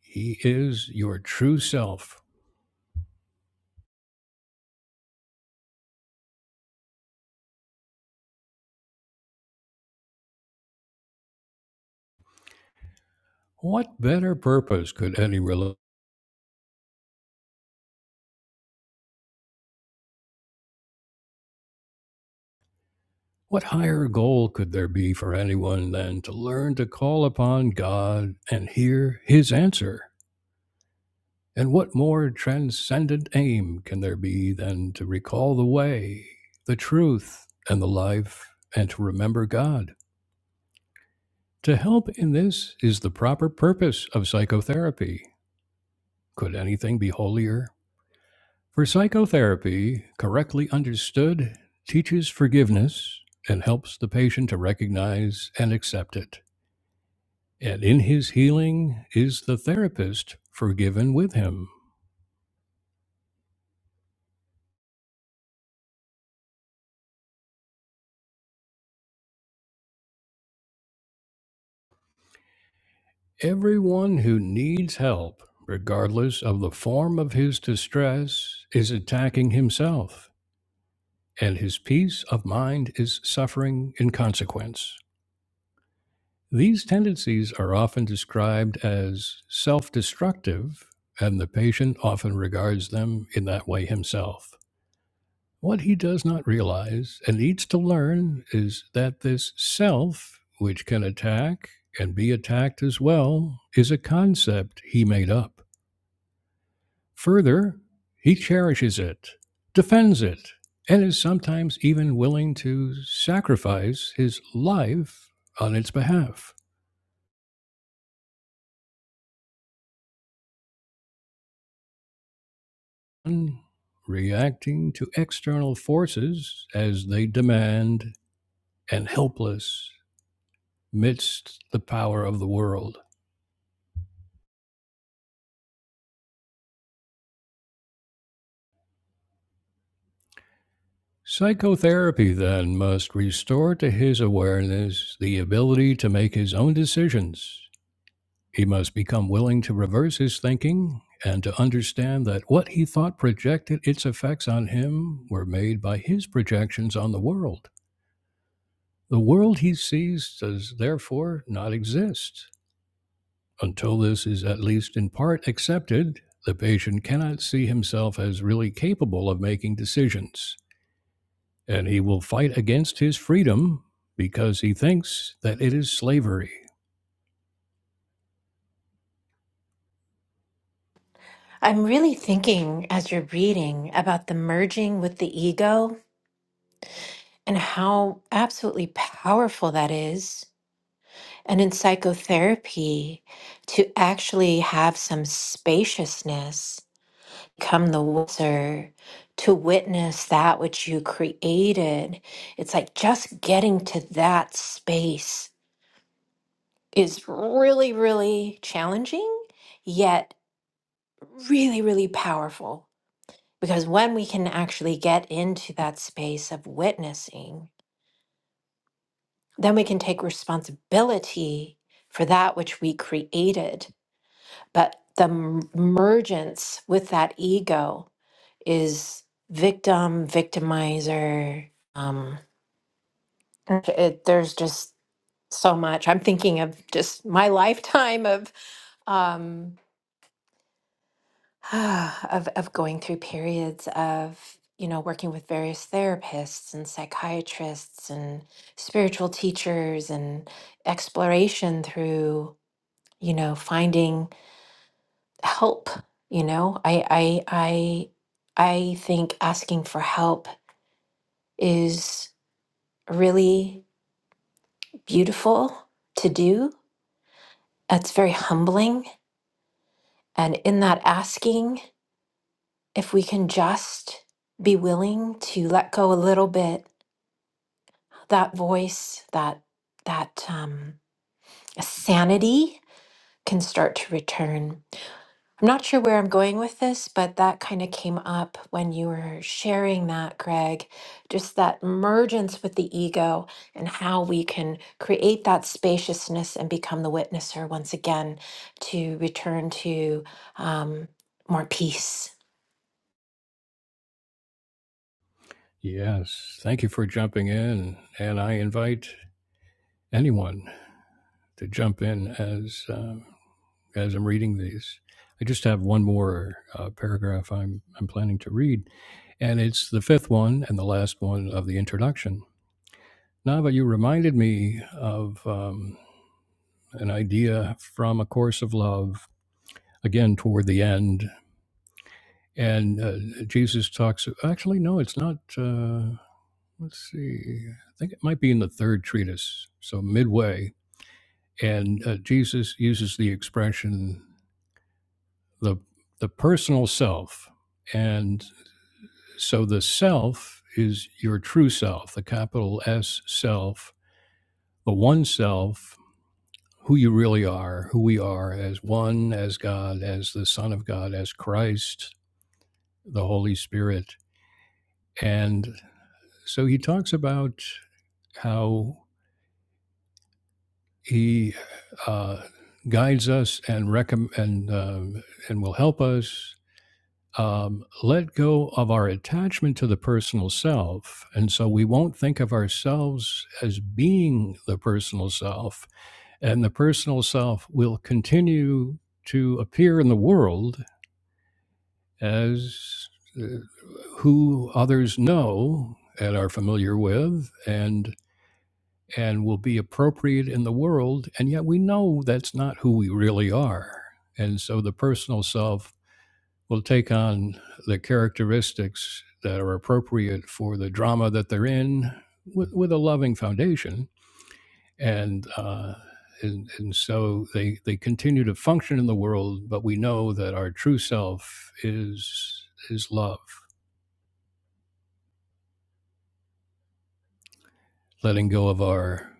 S1: He is your true self. What better purpose could any rel What higher goal could there be for anyone than to learn to call upon God and hear His answer? And what more transcendent aim can there be than to recall the way, the truth, and the life, and to remember God? To help in this is the proper purpose of psychotherapy. Could anything be holier? For psychotherapy, correctly understood, teaches forgiveness and helps the patient to recognize and accept it. And in his healing, is the therapist forgiven with him? Everyone who needs help, regardless of the form of his distress, is attacking himself, and his peace of mind is suffering in consequence. These tendencies are often described as self destructive, and the patient often regards them in that way himself. What he does not realize and needs to learn is that this self, which can attack and be attacked as well, is a concept he made up. Further, he cherishes it, defends it, and is sometimes even willing to sacrifice his life on its behalf. Reacting to external forces as they demand and helpless midst the power of the world. Psychotherapy then must restore to his awareness the ability to make his own decisions. He must become willing to reverse his thinking and to understand that what he thought projected its effects on him were made by his projections on the world. The world he sees does therefore not exist. Until this is at least in part accepted, the patient cannot see himself as really capable of making decisions, and he will fight against his freedom because he thinks that it is slavery.
S3: I'm really thinking as you're reading about the merging with the ego and how absolutely powerful that is. And in psychotherapy, to actually have some spaciousness become the wiser to witness that which you created. It's like just getting to that space is really, really challenging, yet really, really powerful. Because when we can actually get into that space of witnessing, then we can take responsibility for that which we created. But the m- mergence with that ego is victim, victimizer. Um, it, there's just so much. I'm thinking of just my lifetime of um, of of going through periods of you know working with various therapists and psychiatrists and spiritual teachers and exploration through you know finding help. You know, I I I I think asking for help is really beautiful to do. That's very humbling. And in that asking, if we can just be willing to let go a little bit, that voice, that that um, sanity can start to return. I'm not sure where I'm going with this, but that kind of came up when you were sharing that, Greg. Just that mergence with the ego and how we can create that spaciousness and become the witnesser once again to return to um, more peace.
S1: Yes, thank you for jumping in, and I invite anyone to jump in as um, as I'm reading these. I just have one more uh, paragraph I'm I'm planning to read, and it's the fifth one and the last one of the introduction. Nava, you reminded me of um, an idea from A Course of Love, again, toward the end. And uh, Jesus talks, actually, no, it's not. Uh, let's see. I think it might be in the third treatise, so midway. And uh, Jesus uses the expression, the, the personal self. And so the self is your true self, the capital S self, the one self who you really are, who we are as one, as God, as the Son of God, as Christ, the Holy Spirit. And so he talks about how he uh, guides us and recomm- and, um, and will help us um, let go of our attachment to the personal self. And so we won't think of ourselves as being the personal self, and the personal self will continue to appear in the world as uh, who others know and are familiar with and and will be appropriate in the world and yet we know that's not who we really are and so the personal self will take on the characteristics that are appropriate for the drama that they're in with, with a loving foundation and uh and, and so they, they continue to function in the world, but we know that our true self is is love letting go of our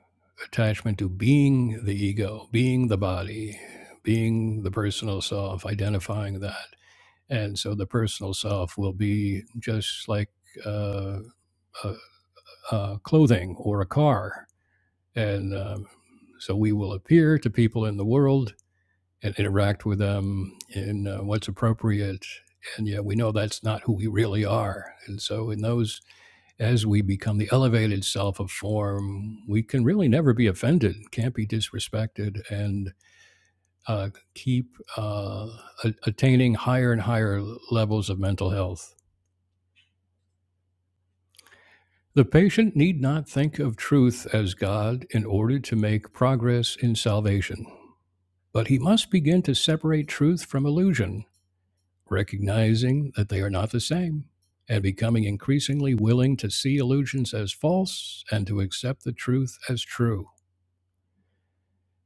S1: attachment to being the ego, being the body, being the personal self, identifying that. And so the personal self will be just like uh, uh, uh, clothing or a car. And um, so we will appear to people in the world and interact with them in uh, what's appropriate. And yet we know that's not who we really are. And so in those as we become the elevated self of form, we can really never be offended, can't be disrespected, and uh, keep uh, a- attaining higher and higher levels of mental health. The patient need not think of truth as God in order to make progress in salvation, but he must begin to separate truth from illusion, recognizing that they are not the same and becoming increasingly willing to see illusions as false and to accept the truth as true.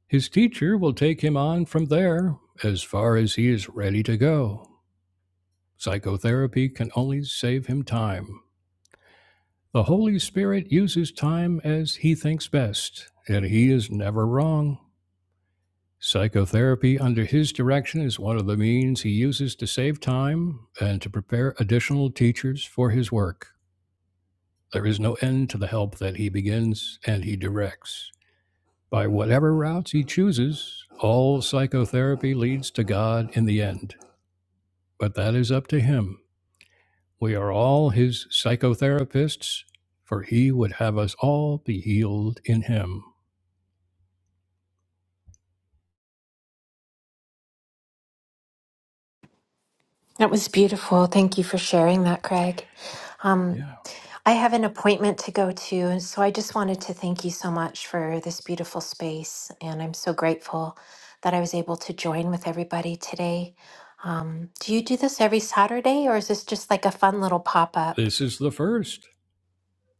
S1: His teacher will take him on from there as far as he is ready to go. Psychotherapy can only save him time. The Holy Spirit uses time as he thinks best, and he is never wrong. Psychotherapy under his direction is one of the means he uses to save time and to prepare additional teachers for his work. There is no end to the help that he begins and he directs. By whatever routes he chooses, all psychotherapy leads to God in the end. but that is up to him. We are all his psychotherapists, for he would have us all be healed in him.
S3: That was beautiful. Thank you for sharing that, Greg. Um,
S1: Yeah.
S3: I have an appointment to go to, so I just wanted to thank you so much for this beautiful space. And I'm so grateful that I was able to join with everybody today. Um, do you do this every Saturday, or is this just like a fun little pop up?
S1: This is the first.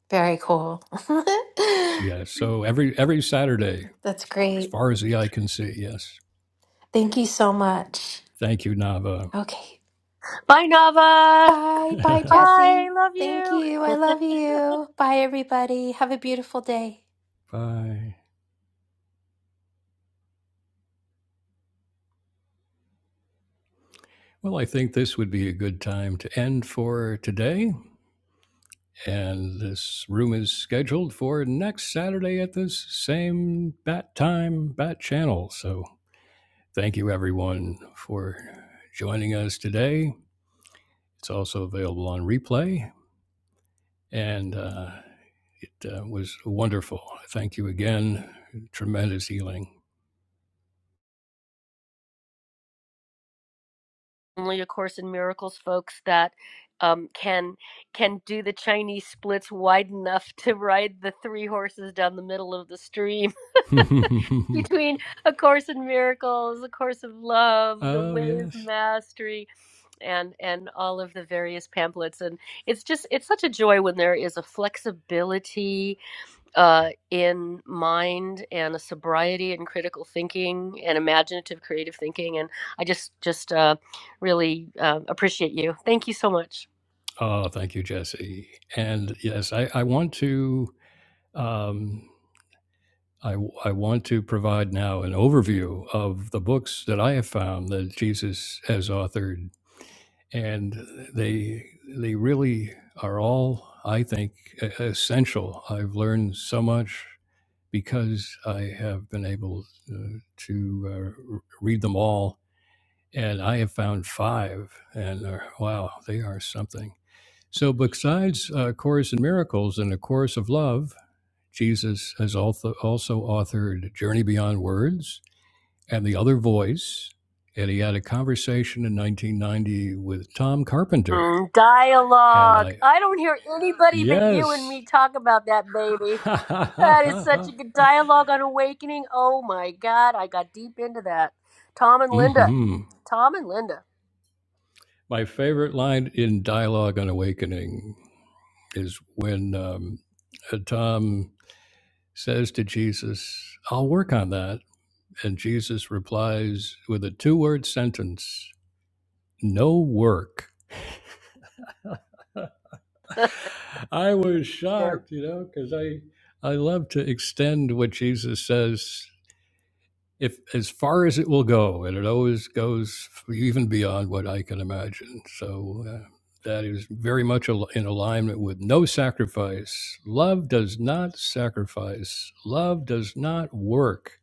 S3: Very cool.
S1: Yes. so every every Saturday,
S3: That's
S1: as
S3: great.
S1: far as the eye can see, yes.
S3: Thank you so much.
S1: Thank you, Nava.
S3: Okay.
S4: Bye, Nava.
S3: Bye. Bye,
S4: Bye.
S3: Jesse.
S4: Love
S3: Thank
S4: you.
S3: you. I love you. Bye, everybody. Have a beautiful day.
S1: Bye. Well, I think this would be a good time to end for today. And this room is scheduled for next Saturday at this same bat time, bat channel. So Thank you, everyone, for joining us today. It's also available on replay, and uh, it uh, was wonderful. Thank you again. Tremendous healing.
S4: Only A Course in Miracles, folks, that um, can can do the Chinese splits wide enough to ride the three horses down the middle of the stream. between A Course in Miracles, A Course of Love, The
S1: oh,
S4: Way of
S1: yes.
S4: Mastery, and and all of the various pamphlets. And it's just it's such a joy when there is a flexibility uh, in mind and a sobriety and critical thinking and imaginative creative thinking. And I just just uh, really uh, appreciate you. Thank you so much.
S1: Oh, thank you, Jesse. And yes, I, I want to. Um, I, I want to provide now an overview of the books that I have found that Jesus has authored and they they really are all i think e- essential i've learned so much because i have been able uh, to uh, r- read them all and i have found five and uh, wow they are something so besides uh, course in miracles and a course of love jesus has also, also authored journey beyond words and the other voice and he had a conversation in 1990 with tom carpenter
S4: Mm,
S1: and
S4: dialogue.
S1: I,
S4: I don't hear anybody but you and
S1: yes.
S4: me talk about that, baby. That is such a good dialogue on Awakening. Oh my God, I got deep into that. Tom and Linda.
S1: hmm
S4: Tom and Linda.
S1: My favorite line in dialogue on awakening is when um, uh, Tom says to Jesus, I'll work on that. And Jesus replies with a two word sentence, no work. I was
S4: Yeah.
S1: shocked, you know, because I, I love to extend what Jesus says if as far as it will go, and it always goes even beyond what I can imagine. So uh, that is very much al- in alignment with no sacrifice. Love does not sacrifice. Love does not work.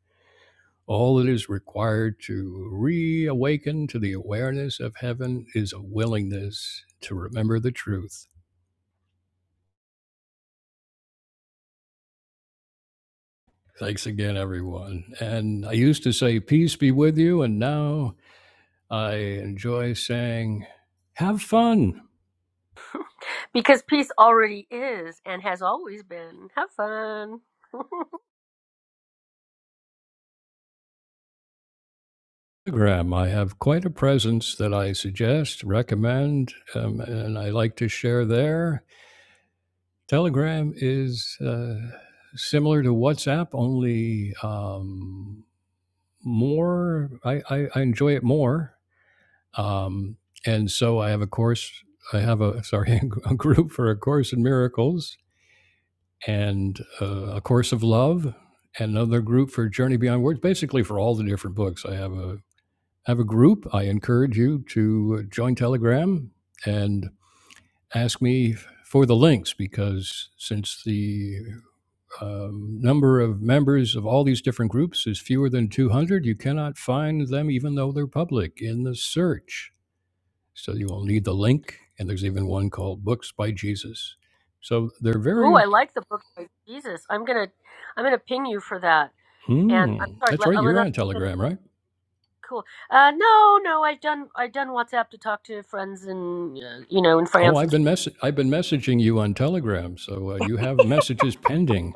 S1: All that is required to reawaken to the awareness of heaven is a willingness to remember the truth. Thanks again, everyone. And I used to say, Peace be with you. And now I enjoy saying, Have fun.
S4: Because peace already is and has always been. Have fun.
S1: Instagram, I have quite a presence that I suggest, recommend, um, and I like to share there. Telegram is uh, similar to WhatsApp, only um, more. I, I, I enjoy it more, um, and so I have a course. I have a sorry a group for a course in miracles and uh, a course of love. and Another group for Journey Beyond Words, basically for all the different books. I have a. have a group, I encourage you to uh, join Telegram and ask me for the links because since the um, number of members of all these different groups is fewer than 200, you cannot find them even though they're public in the search. So you will need the link, and there's even one called Books by Jesus. So they're
S4: Ooh,
S1: very.
S4: I like the book by Jesus. I'm gonna, I'm gonna ping you for that. And I'm
S1: Hmm,
S4: sorry,
S1: that's
S4: let,
S1: right.
S4: I'm
S1: You're
S4: going
S1: on Telegram, right?
S4: Cool. Uh, no, no, I've done, I've done WhatsApp to talk to friends in, uh, you know, in
S1: Oh,
S4: France
S1: I've
S4: and
S1: been mess- I've been messaging you on Telegram, so uh, you have messages pending.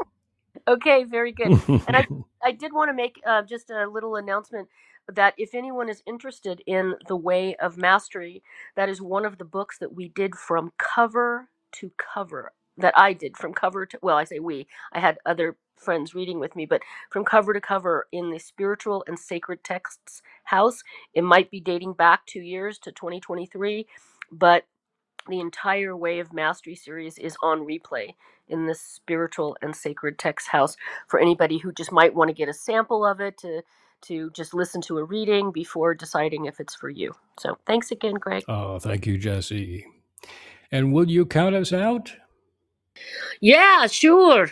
S4: Okay, very good. And I I did want to make uh, just a little announcement that if anyone is interested in The Way of Mastery, that is one of the books that we did from cover to cover. That I did from cover to well, I say we. I had other friends reading with me, but from cover to cover in the spiritual and sacred texts house. It might be dating back two years to 2023, but. The entire Way of Mastery series is on replay in this spiritual and sacred text house for anybody who just might want to get a sample of it to to just listen to a reading before deciding if it's for you. So thanks again, Greg.
S1: Oh, thank you, Jesse. And will you count us out?
S4: Yeah, sure.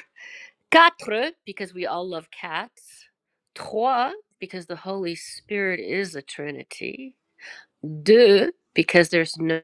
S4: Quatre, because we all love cats. Trois, because the Holy Spirit is a Trinity. Deux, because there's no